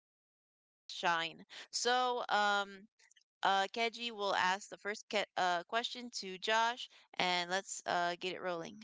for Josh to shine. So um, Kedzi will ask the first question to Josh, and let's get it rolling.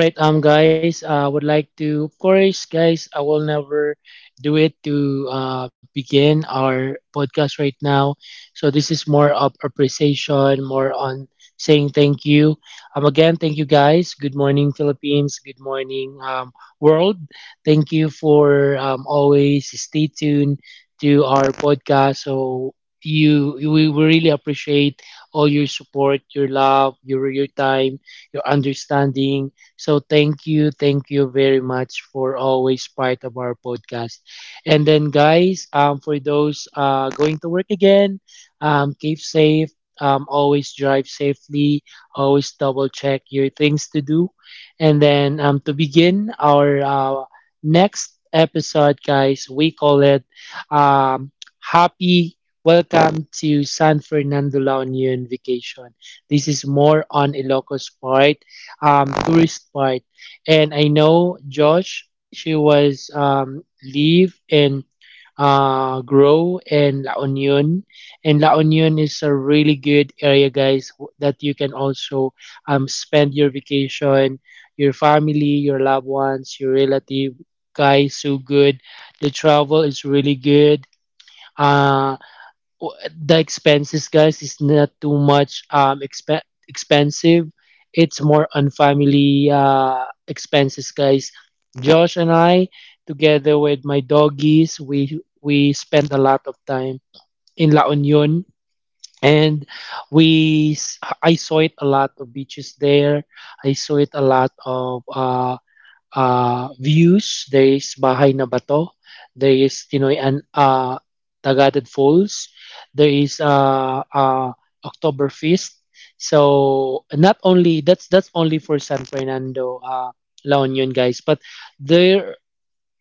All right, guys, I would like to, of course, guys, I will never do it to begin our podcast right now. So this is more of appreciation, more on saying thank you. Again, thank you, guys. Good morning, Philippines. Good morning, world. Thank you for always stay tuned to our podcast. So we really appreciate all your support, your love, your time, your understanding, so thank you very much for always part of our podcast. And then guys, for those going to work again, keep safe. Always drive safely. Always double check your things to do. And then to begin our next episode, guys, we call it um, Happy Welcome to San Fernando La Union Vacation. This is more on Ilocos part, tourist part. And I know Josh, she was live in Grow and La Union. And La Union is a really good area, guys, that you can also spend your vacation, your family, your loved ones, your relative. Guys, so good. The travel is really good. Uh, w- the expenses, guys, is not too much expensive. It's more on family expenses, guys. Josh and I, together with my doggies, we spent a lot of time in La Union, and I saw it a lot of beaches there. I saw it a lot of views. There is Bahay na Bato, there is Tinoy and Tagated Falls, there is Oktoberfest. So not only that's only for San Fernando, La Union guys, but there,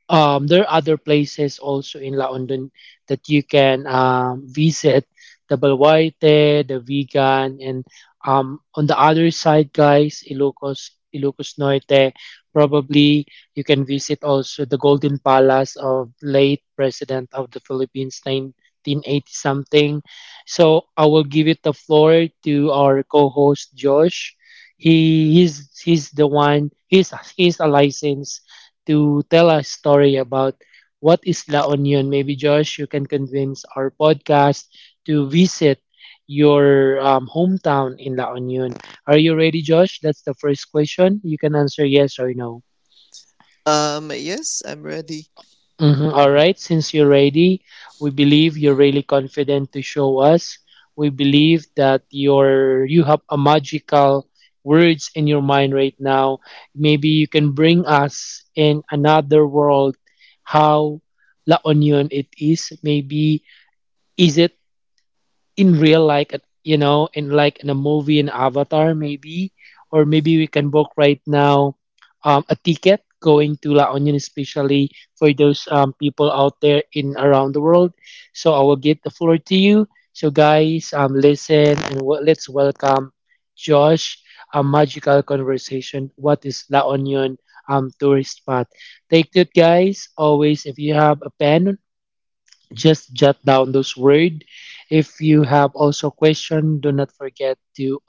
there are other places also in La Union that you can visit: the Balwarte, the Vegan, and on the other side, guys, Ilocos Norte. Probably you can visit also the Golden Palace of late President of the Philippines, 1980 something. So I will give it the floor to our co-host Josh. He's the one. He's a licensed to tell a story about what is La Union. Maybe, Josh, you can convince our podcast to visit your hometown in La Union. Are you ready, Josh? That's the first question. You can answer yes or no. Yes, I'm ready. Mhm. All All right, since you're ready, we believe you're really confident to show us. We believe that you have a magical words in your mind right now. Maybe you can bring us in another world how La Union it is. Maybe is it in real like you know in like in a movie in avatar, maybe, or maybe we can book right now a ticket going to La Union, especially for those people out there in around the world. So I will give the floor to you. So guys, listen and let's welcome Josh a magical conversation what is La Union, tourist spot. Take it, guys. Always, if you have a pen, just jot down those words. If you have also question, do not forget to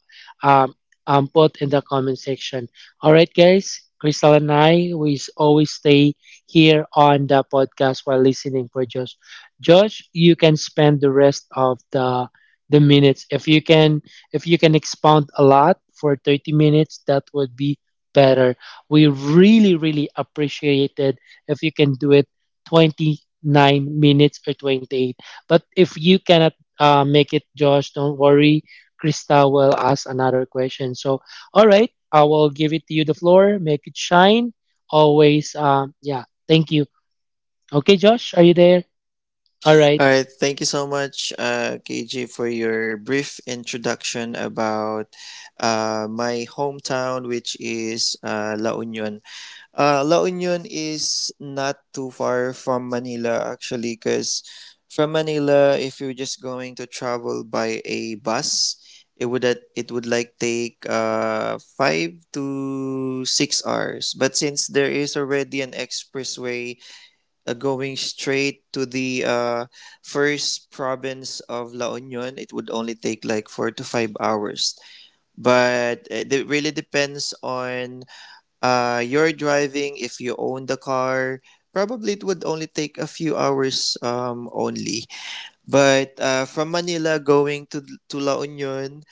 um, put in the comment section. All right, guys. Crystal and I, always stay here on the podcast while listening for Josh. Josh, you can spend the rest of the minutes. If you can expound a lot for 30 minutes, that would be better. We really, really appreciate it if you can do it 29 minutes or 28. But if you cannot make it, Josh, don't worry. Krista will ask another question. So, all right, I will give it to you the floor. Make it shine. Always, yeah, thank you. Okay, Josh, are you there? All right. right, thank you so much, KJ, for your brief introduction about my hometown, which is La Union. La Union is not too far from Manila, actually, because from Manila, if you're just going to travel by a bus, it would like take 5 to 6 hours. But since there is already an expressway going straight to the first province of La Union, it would only take like 4 to 5 hours. But it really depends on your driving. If you own the car, probably it would only take a few hours only. But from Manila to La Union,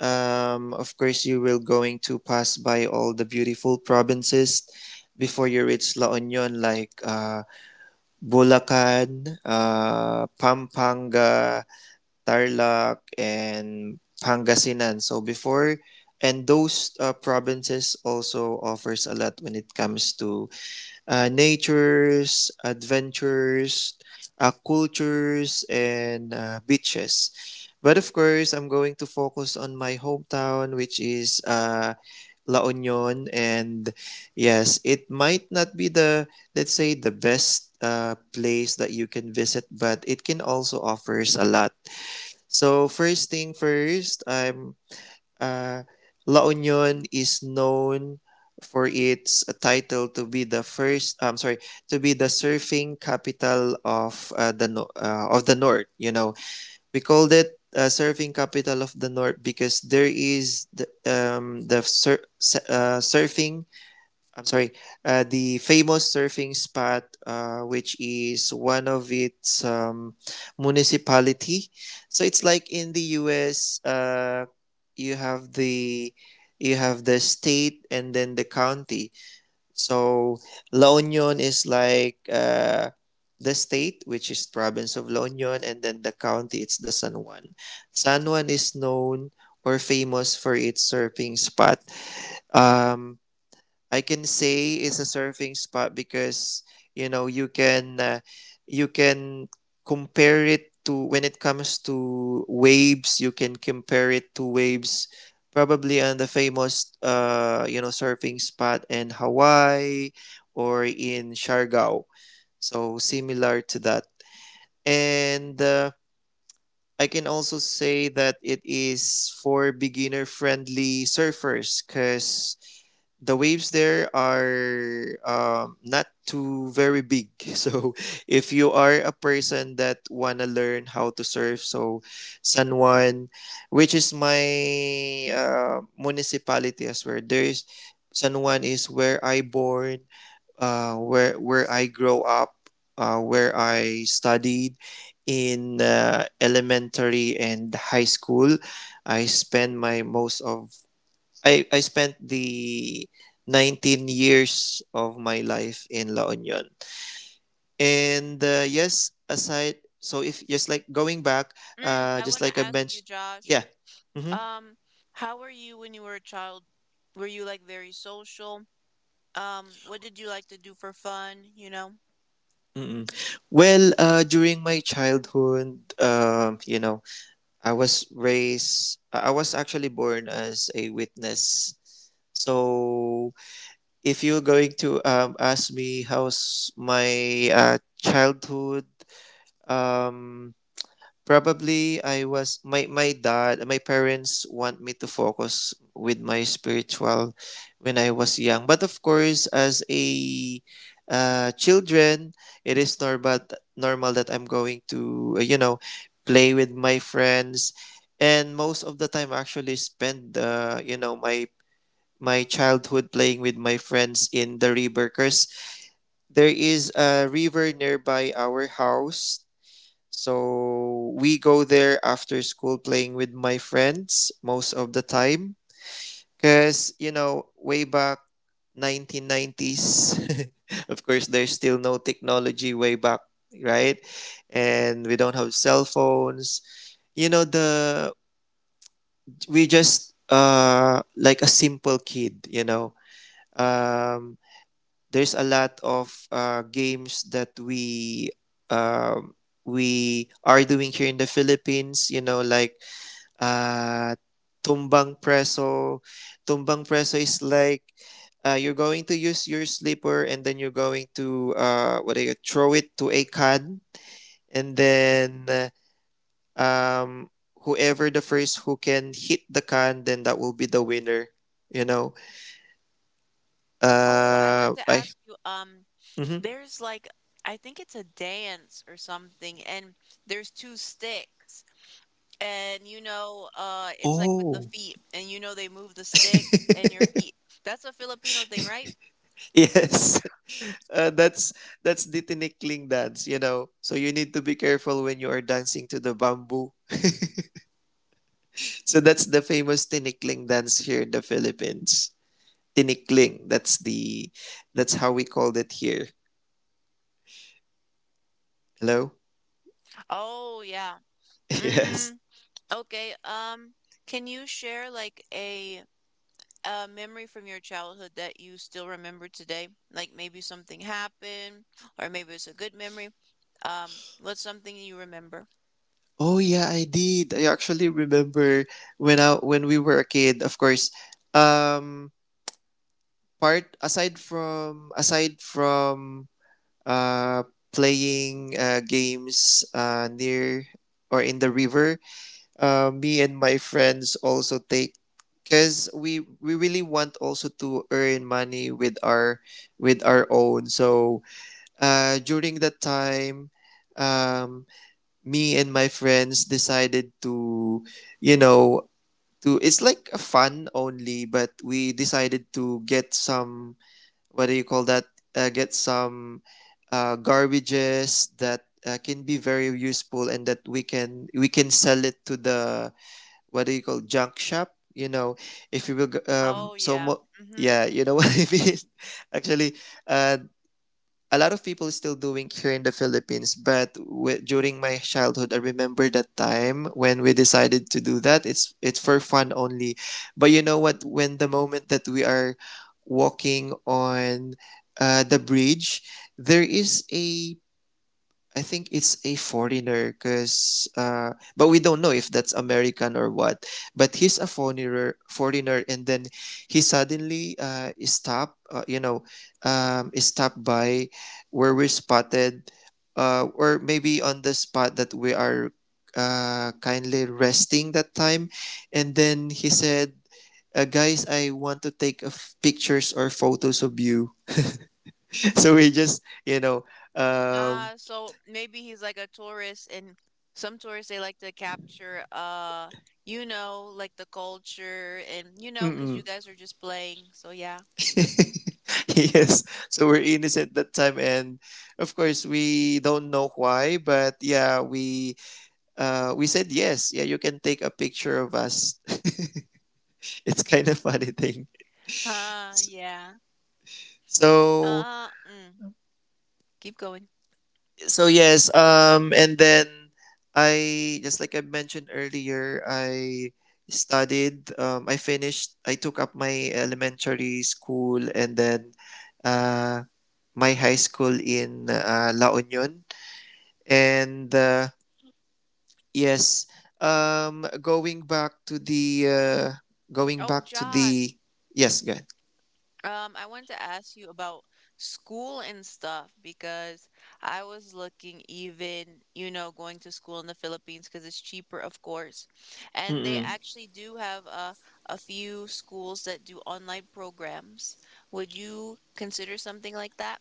of course, you will going to pass by all the beautiful provinces before you reach La Union, like Bulacan, Pampanga, Tarlac, and Pangasinan. So before and those provinces also offers a lot when it comes to natures, adventures, cultures, and beaches. But of course, I'm going to focus on my hometown, which is La Union. And yes, it might not be let's say, the best place that you can visit, but it can also offers a lot. So first thing first, I'm uh, La Union is known for its title to be the first. I'm sorry, to be the surfing capital of the no- of the North. You know, we called it surfing capital of the North because there is I'm sorry, the famous surfing spot, which is one of its municipality. So it's like in the U.S. You have the you have the state and then the county. So La Union is like the state, which is province of La Union, and then the county. It's the San Juan. San Juan is known or famous for its surfing spot. Um, I can say it's a surfing spot because you know you can compare it to, when it comes to waves, you can compare it to waves probably on the famous you know surfing spot in Hawaii or in Siargao, so similar to that. And I can also say that it is for beginner friendly surfers because the waves there are not too very big. So if you are a person that wanna learn how to surf, so san juan, which is my municipality as well, there is san juan is where I born, where I grow up, where I studied in elementary and high school. I spend my most of I spent the 19 years of my life in La Union. And yes, aside so if just like going back, I just want like to I ask you, mentioned, Josh. yeah. Mhm. Um, how were you when you were a child? Were you like very social? What did you like to do for fun, you know? Mm-mm. Well, during my childhood, you know, I was actually born as a witness. So, if you're going to ask me how's my childhood, um probably I was my my dad, my parents want me to focus with my spiritual when I was young. But of course, as a children, it is normal that I'm going to, you know, play with my friends, and most of the time I actually spend, you know, my childhood playing with my friends in the river. Cause there is a river nearby our house, so we go there after school playing with my friends most of the time. Because, you know, way back 1990s, of course, there's still no technology way back, right? And we don't have cell phones. You know, the we just like a simple kid, you know. Um there's a lot of games that um, we are doing here in the Philippines. You know, like uh, tumbang preso. Tumbang preso is like, you're going to use your slipper and then you're going to, what do you, throw it to a can, and then um, whoever the first who can hit the can, then that will be the winner. You know. Oh, I wanted to I. ask you, Mhm. there's like I think it's a dance or something, and there's two sticks. And you know, it's like with the Oh. feet, and you know they move the sticks and your feet. That's a Filipino thing, right? Yes. uh, that's that's the tinikling dance, you know. So you need to be careful when you are dancing to the bamboo. So that's the famous tinikling dance here in the Philippines. Tinikling. That's how we called it here. Hello? Oh yeah. Yes. Mm, okay. Can you share like a memory from your childhood that you still remember today? Like maybe something happened, or maybe it's a good memory. Um, what's something you remember? Oh yeah, I did. I actually remember when we were a kid, of course. Um Part, aside from uh playing games near or in the river. Me and my friends also take because we really want also to earn money with our own. So during that time, um me and my friends decided to, you know, to it's like a fun only, but we decided to get some, what do you call that, get some garbages that can be very useful and that we can sell it to the, what do you call, junk shop, you know. If you will go, Oh so yeah. Mm-hmm. yeah, you know, what I mean, actually, uh a lot of people still doing here in the Philippines. But during my childhood, I remember that time when we decided to do that, it's for fun only. But you know what, when the moment that we are walking on the bridge, there is a, I think it's a foreigner because but we don't know if that's American or what. But he's a foreigner and then he suddenly is stopped, you know, is stopped by where we're spotted, or maybe on the spot that we are kindly resting that time. And then he said, guys, I want to take pictures or photos of you. So we just, you know, um So maybe he's like a tourist, and some tourists they like to capture, you know, like the culture, and you know, because you Mm-mm. guys are just playing. So yeah. Yes. So we're innocent that time, and of course we don't know why, but yeah, we said yes. Yeah, you can take a picture of us. It's kind of funny thing. Yeah. So Mm. Keep going. Yes, and then, I just like I mentioned earlier, I took up my elementary school and then uh my high school in La Union. And yes. Going back to the going Oh, back to the Josh. yes good. I wanted to ask you about school and stuff because I was looking even, you know, going to school in the Philippines because it's cheaper, of course. And they Mm-mm. actually do have a few schools that do online programs. Would you consider something like that?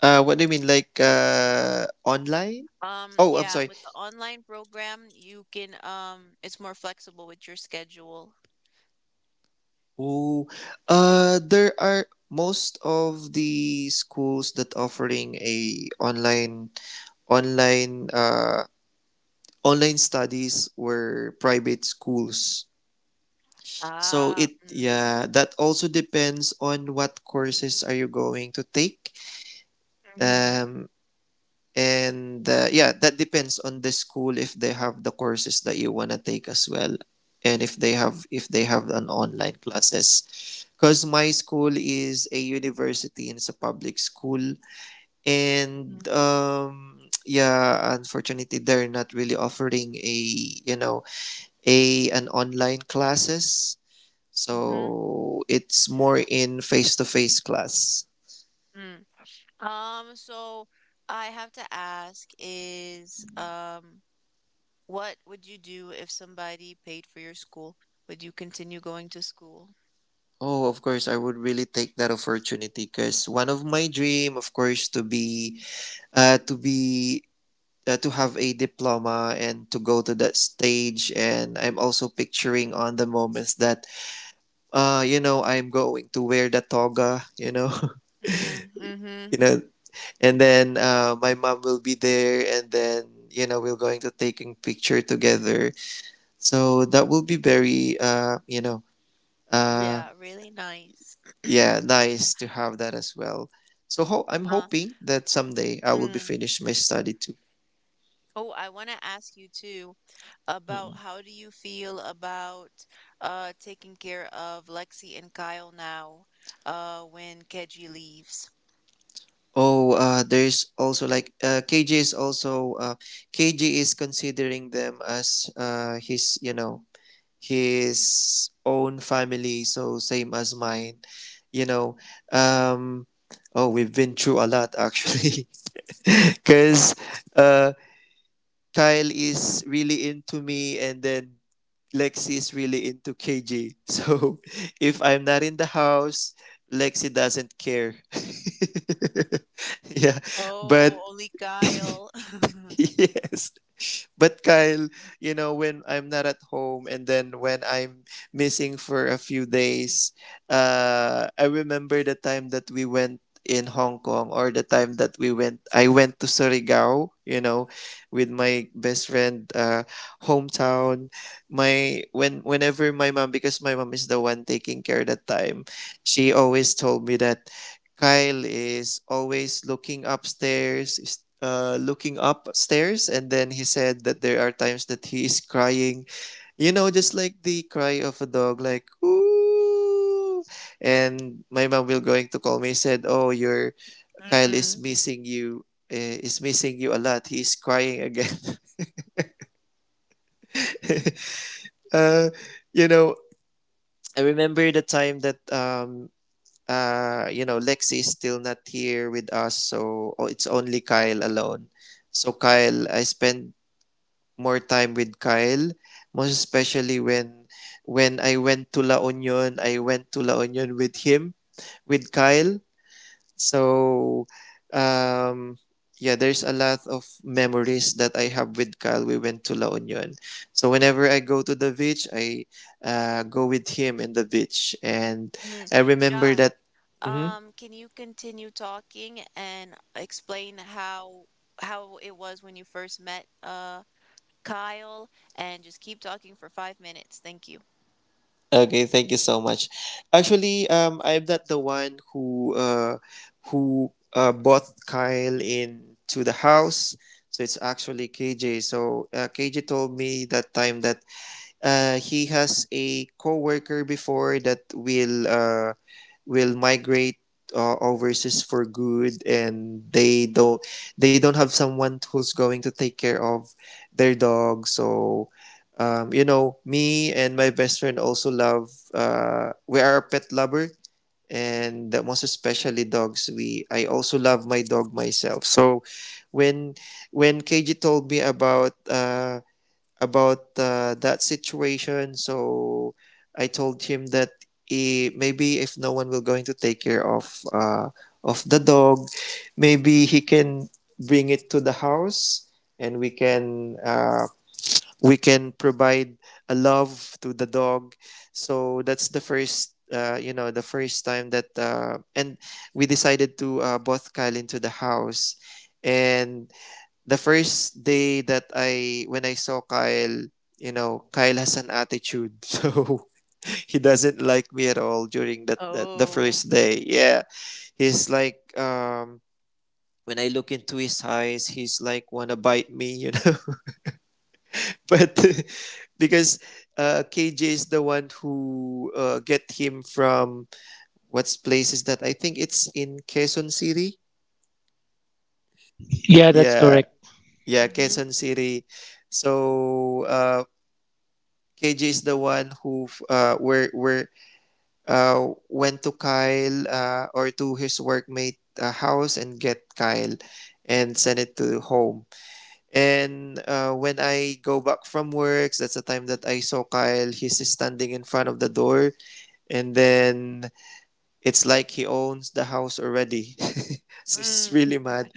What do you mean, like online? Oh, I'm Yeah, sorry. with the online program, you can it's more flexible with your schedule. Oh, there are, most of the schools that offering a online uh online studies were private schools. So Ah, it, mm. yeah, that also depends on what courses are you going to take. Hmm. um, and yeah, that depends on the school if they have the courses that you want to take as well, and if they have an online classes. Because my school is a university, and it's a public school. Mm-hmm. And yeah, unfortunately they're not really offering, a you know, a an online classes. Mm-hmm. So it's more in face to face class. So I have to ask is, what would you do if somebody paid for your school? Would you continue going to school? Oh, of course, I would really take that opportunity because one of my dream, of course, uh, to be, to have a diploma and to go to that stage. And I'm also picturing on the moments that, you know, I'm going to wear the toga, you know, Mm, mm-hmm. you know, and then my mom will be there, and then you know we're going to taking picture together. So that will be very, you know, uh. Yeah, really nice. Yeah, nice to have that as well. So I'm Uh, hoping that someday I will be mm. finished my study too. Oh, I want to ask you too about Mm. how do you feel about taking care of Lexi and Kyle now, when Keji leaves? Oh, there's also like KJ is considering them as his, you know, his own family, so same as mine. You know, um, oh, we've been through a lot actually, because uh, Kyle is really into me, and then Lexi is really into KG. So, if I'm not in the house, Lexi doesn't care. Yeah, Oh, but only Kyle. yes, but Kyle, you know, when I'm not at home and then when I'm missing for a few days, I remember the time that we went in Hong Kong, or the time that we went I went to Surigao, you know, with my best friend hometown. My when Whenever my mom, because my mom is the one taking care that time, she always told me that Kyle is always looking upstairs, looking upstairs. And then he said that there are times that he is crying, you know, just like the cry of a dog, like ooh. And my mom will going to call me said, "Oh, your Kyle Mm. Is missing you a lot. He's crying again."" uh, you know, I remember the time that Lexi is still not here with us, so oh, it's only Kyle alone. So Kyle, I spend more time with Kyle, most especially when I went to La Union. I went to La Union with him, with Kyle. So um yeah, there's a lot of memories that I have with Kyle. We went to La Union. So whenever I go to the beach, I go with him in the beach. And Mm. I remember Josh, that. Mhm. Can you continue talking and explain how it was when you first met Kyle and just keep talking for 5 minutes. Thank you. Okay, thank you so much. Actually, I'm not the one who bought Kyle into the house. So it's actually KJ. So KJ told me that time that he has a coworker before that will migrate overseas for good, and they don't have someone who's going to take care of their dog. So, you know, me and my best friend also love. We are a pet lover, and most especially dogs. We I also love my dog myself. So, when KG told me about that situation. So I told him that he maybe if no one will going to take care of the dog, maybe he can bring it to the house and we can provide a love to the dog. So that's the first. The first time that and we decided to both Kyle into the house, and the first day that I when I saw Kyle, you know, Kyle has an attitude, so he doesn't like me at all during that, that the Oh. first day. Yeah, he's like when I look into his eyes, he's like wanna bite me, you know. but because KJ is the one who get him from what's places that I think it's in Quezon City. Yeah, that's Yeah, correct. yeah, Mm-hmm. Quezon City. So KJ is the one who where went to Kyle or to his workmate house and get Kyle and send it to home. And when I go back from work, that's the time that I saw Kyle. He's standing in front of the door, and then it's like he owns the house already. so it's really mad.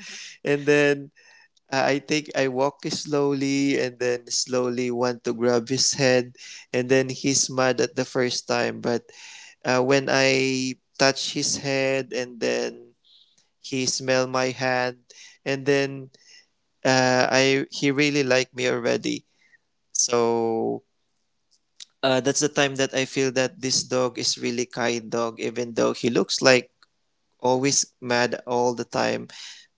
And then I think I walk slowly and then slowly want to grab his head, and then he's mad at the first time. But when I touch his head and then he smell my hand, and then I he really like me already. So that's the time that I feel that this dog is really kind dog, even though he looks like always mad all the time.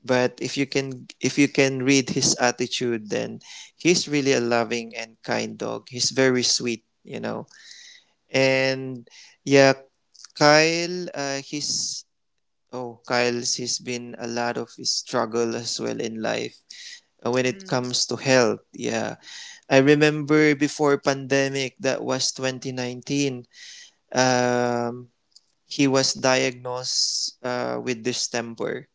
But if you can read his attitude, then he's really a loving and kind dog. He's very sweet, you know. And yeah, Kyle, he's oh Kyle's he's been a lot of his struggle as well in life when it Mm-hmm. comes to health. Yeah, I remember before pandemic, that was 2019. um he was diagnosed with distemper,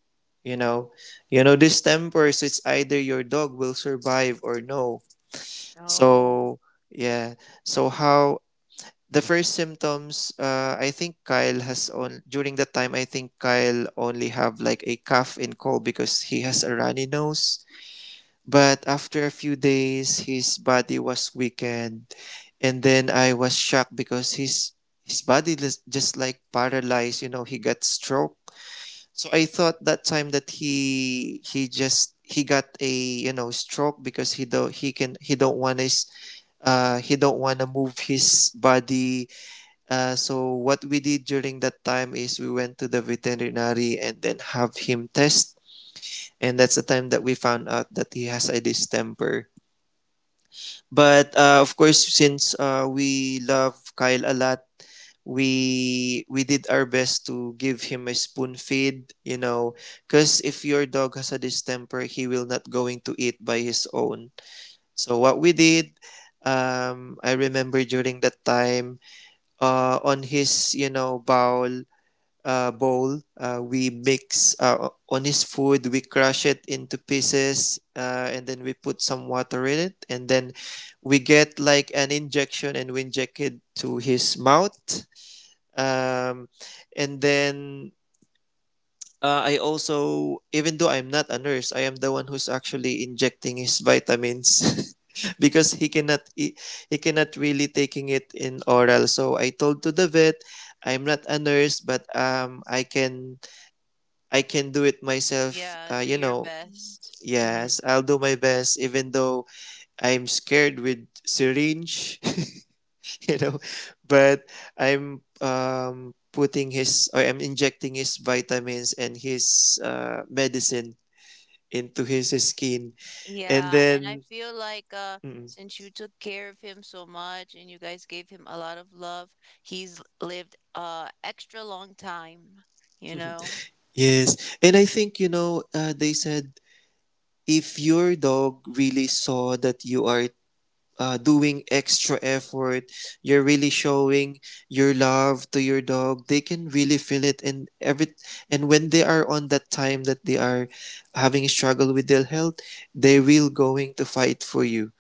you know. You know distemper, so it's either your dog will survive or no. Oh. So yeah, so how the first symptoms, I think Kyle has on during that time, I think Kyle only have like a cough and cold because he has a runny nose. But after a few days, his body was weakened, and then I was shocked because his body was just like paralyzed. You know, he got stroke. So I thought that time that he just he got a, you know, stroke because he don't want his he don't want to move his body. So what we did during that time is we went to the veterinary and then have him test. And that's the time that we found out that he has a distemper. But of course, since we love Kyle a lot, we did our best to give him a spoon feed. You know, because if your dog has a distemper, he will not going to eat by his own. So what we did. I remember during that time, on his, you know, bowl. We mix onis food, we crush it into pieces, and then we put some water in it. And then we get like an injection and we inject it to his mouth. Um, and then I also, even though I'm not a nurse, I am the one who's actually injecting his vitamins. Because he cannot really taking it in oral, so I told to the vet, I'm not a nurse, but I can do it myself. Yeah, do your best. Mm. Yes, I'll do my best, even though I'm scared with syringe, you know, but I'm putting his, or I'm injecting his vitamins and his medicine into his skin. And Yeah, and I then, feel like mm, since you took care of him so much and you guys gave him a lot of love, he's lived a extra long time, you know? yes, and I think, you know, they said if your dog really saw that you are doing extra effort, you're really showing your love to your dog, they can really feel it. And every and when they are on that time that they are having struggle with their health, they will going to fight for you.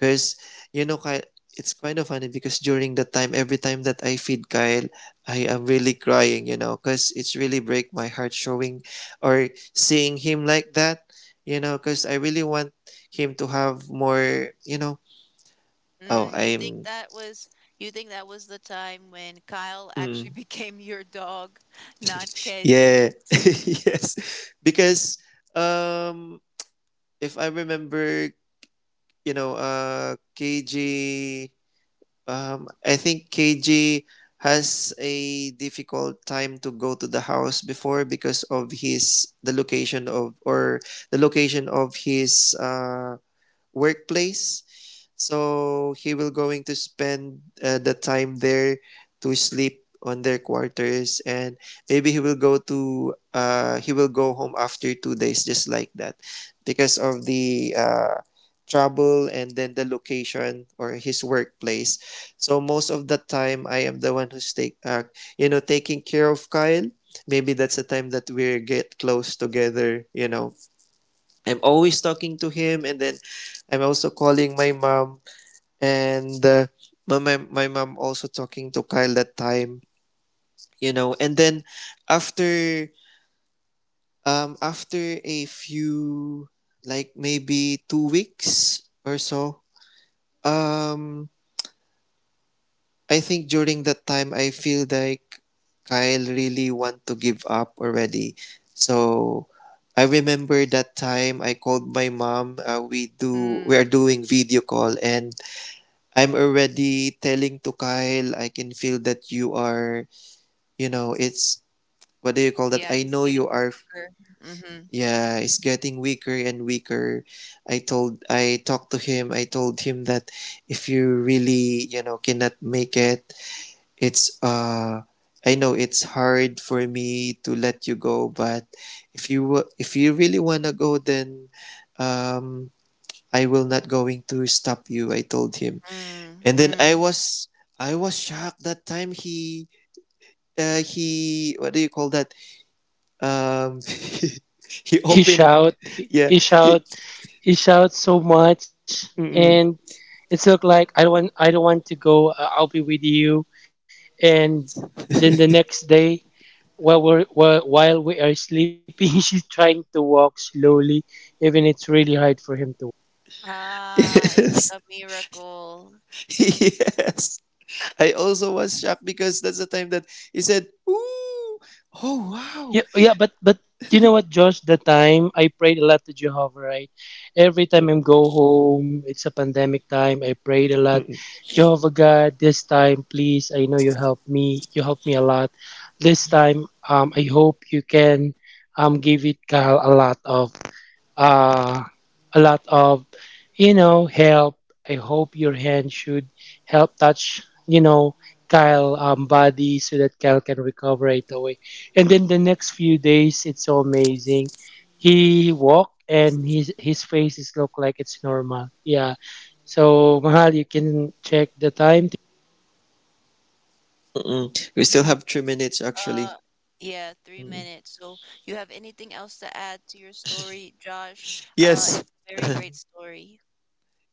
Cause you know, Kyle, it's kind of funny because during that time, every time that I feed Kyle, I am really crying. You know, cause it's really break my heart showing or seeing him like that. You know, cause I really want him to have more. You know. Oh, Mm, you think I'm that was you think that was the time when Kyle actually mm, became your dog, not yeah. Kedgies? Yes. Because um if I remember, you know, uh KG um I think KG has a difficult time to go to the house before because of his the location of or the location of his workplace. So he will going to spend the time there to sleep on their quarters, and maybe he will go to, he will go home after 2 days, just like that, because of the trouble and then the location or his workplace. So most of the time, I am the one who's take you know, taking care of Kyle. Maybe that's the time that we get close together. You know, I'm always talking to him, and then I'm also calling my mom, and my mom also talking to Kyle that time, you know. And then after after a few, like maybe 2 weeks or so, um I think during that time I feel like Kyle really want to give up already. So I remember that time I called my mom. We are Mm, doing video call, and I'm already telling to Kyle, I can feel that you are, you know, it's, what do you call that? yeah, I he's know getting you are. her. Mm-hmm. Yeah, it's getting weaker and weaker. I talked to him. I told him that if you really, you know, cannot make it, it's, I know it's hard for me to let you go, but if if you really want to go, then, um, I will not going to stop you, I told him. Mm, And then mm. I was shocked that time he, what do you call that? Um, he He opened, shout, yeah, he, he he, shout, he shout so much, mm, and it's look like I don't want to go. I'll be with you, and then the next day while we're, while we are sleeping, she's trying to walk slowly, even it's really hard for him to Ah, it's like yes, a miracle. yes. I also was shocked because that's the time that he said, "Ooh, oh wow." yeah, yeah, but you know what, Josh, the time I prayed a lot to Jehovah, right? Every time Mm-mm, I'm go home it's a pandemic time, I prayed a lot. mm-mm, Jehovah God, this time please, I know you help me, you help me a lot this time. I hope you can give it Kyle a lot of, uh, a lot of, you know, help. I hope your hand should help touch, you know, Kyle body so that Kyle can recover right away. And then the next few days, it's so amazing. He walked and his face is look like it's normal. Yeah. So Mahal, you can check the time. mm-mm. We still Mhm. have 3 minutes, actually. Uh, yeah, three Mm. minutes. So, you have anything else to add to your story, Josh? Yes, It's a very great story.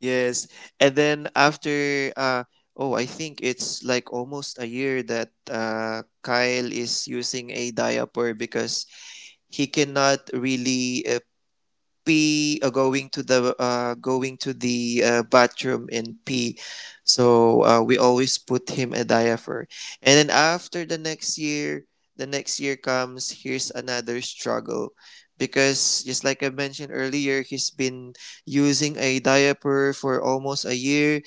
yes. And then after, oh, I think it's like almost a year that Kyle is using a diaper because he cannot really P going to the, bathroom and pee. So we always put him a diaper. And then after the next year, the next year comes, here's another struggle, because just like I mentioned earlier, he's been using a diaper for almost a year.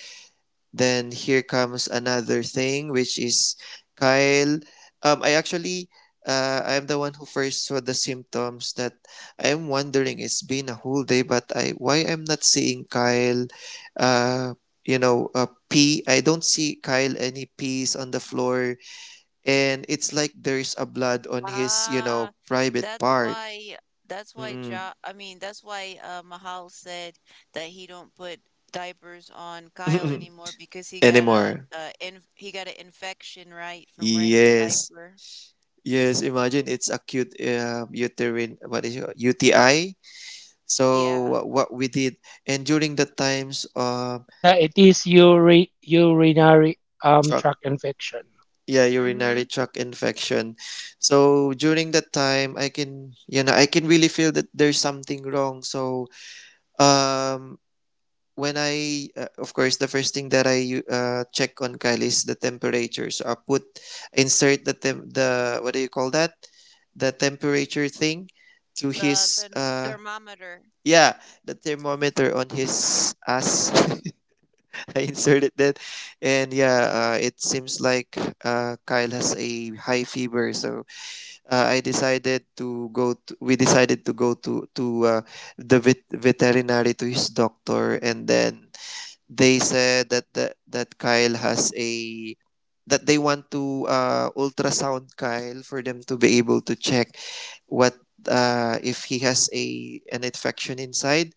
Then here comes another thing, which is Kyle. Um, I actually, I'm the one who first saw the symptoms that I'm wondering. It's been a whole day, but I why I'm not seeing Kyle. Uh, Pee, I don't see Kyle any pees on the floor, and it's like there's a blood on his, you Ah, know, private that's part. why that's why Mm-mm. Ja I mean that's why Mahal said that he don't put diapers on Kyle anymore because he got a Anymore. In he got an infection right from wearing the Yes. diaper. Yes, imagine it's acute uterine, what is it, UTI. So Yeah. What we did, and during the times Yeah, it is urinary tract truck, infection. yeah, Mm-hmm. urinary tract infection. So during that time, I can, you know, I can really feel that there's something wrong. So um when I of course the first thing that I check on Kyle is the temperature. So I put insert the, what do you call that, the temperature thing to his The thermometer. yeah, the thermometer on his ass. I inserted that, and yeah, it seems like Kyle has a high fever. So I decided to go. We decided to go to the veterinary, to his doctor, and then they said that Kyle has a, that they want to ultrasound Kyle for them to be able to check what, if he has a an infection inside.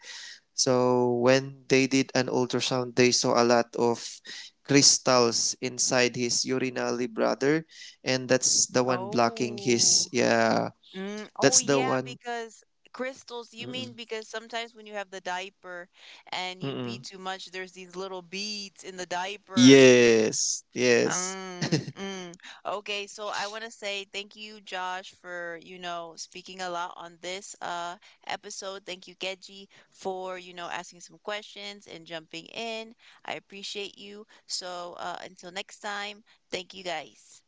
So when they did an ultrasound, they saw a lot of crystals inside his urinary bladder, and that's the one blocking his, Oh. yeah. Mm, oh That's the yeah, one. because crystals, you mean Mm-mm, because sometimes when you have the diaper and you pee mm-mm. too much, there's these little beads in the diaper. Yes, yes. Mm. Okay, so I want to say thank you, Josh, for, you know, speaking a lot on this episode. Thank you, Geji, for, you know, asking some questions and jumping in. I appreciate you. So, until next time, thank you guys.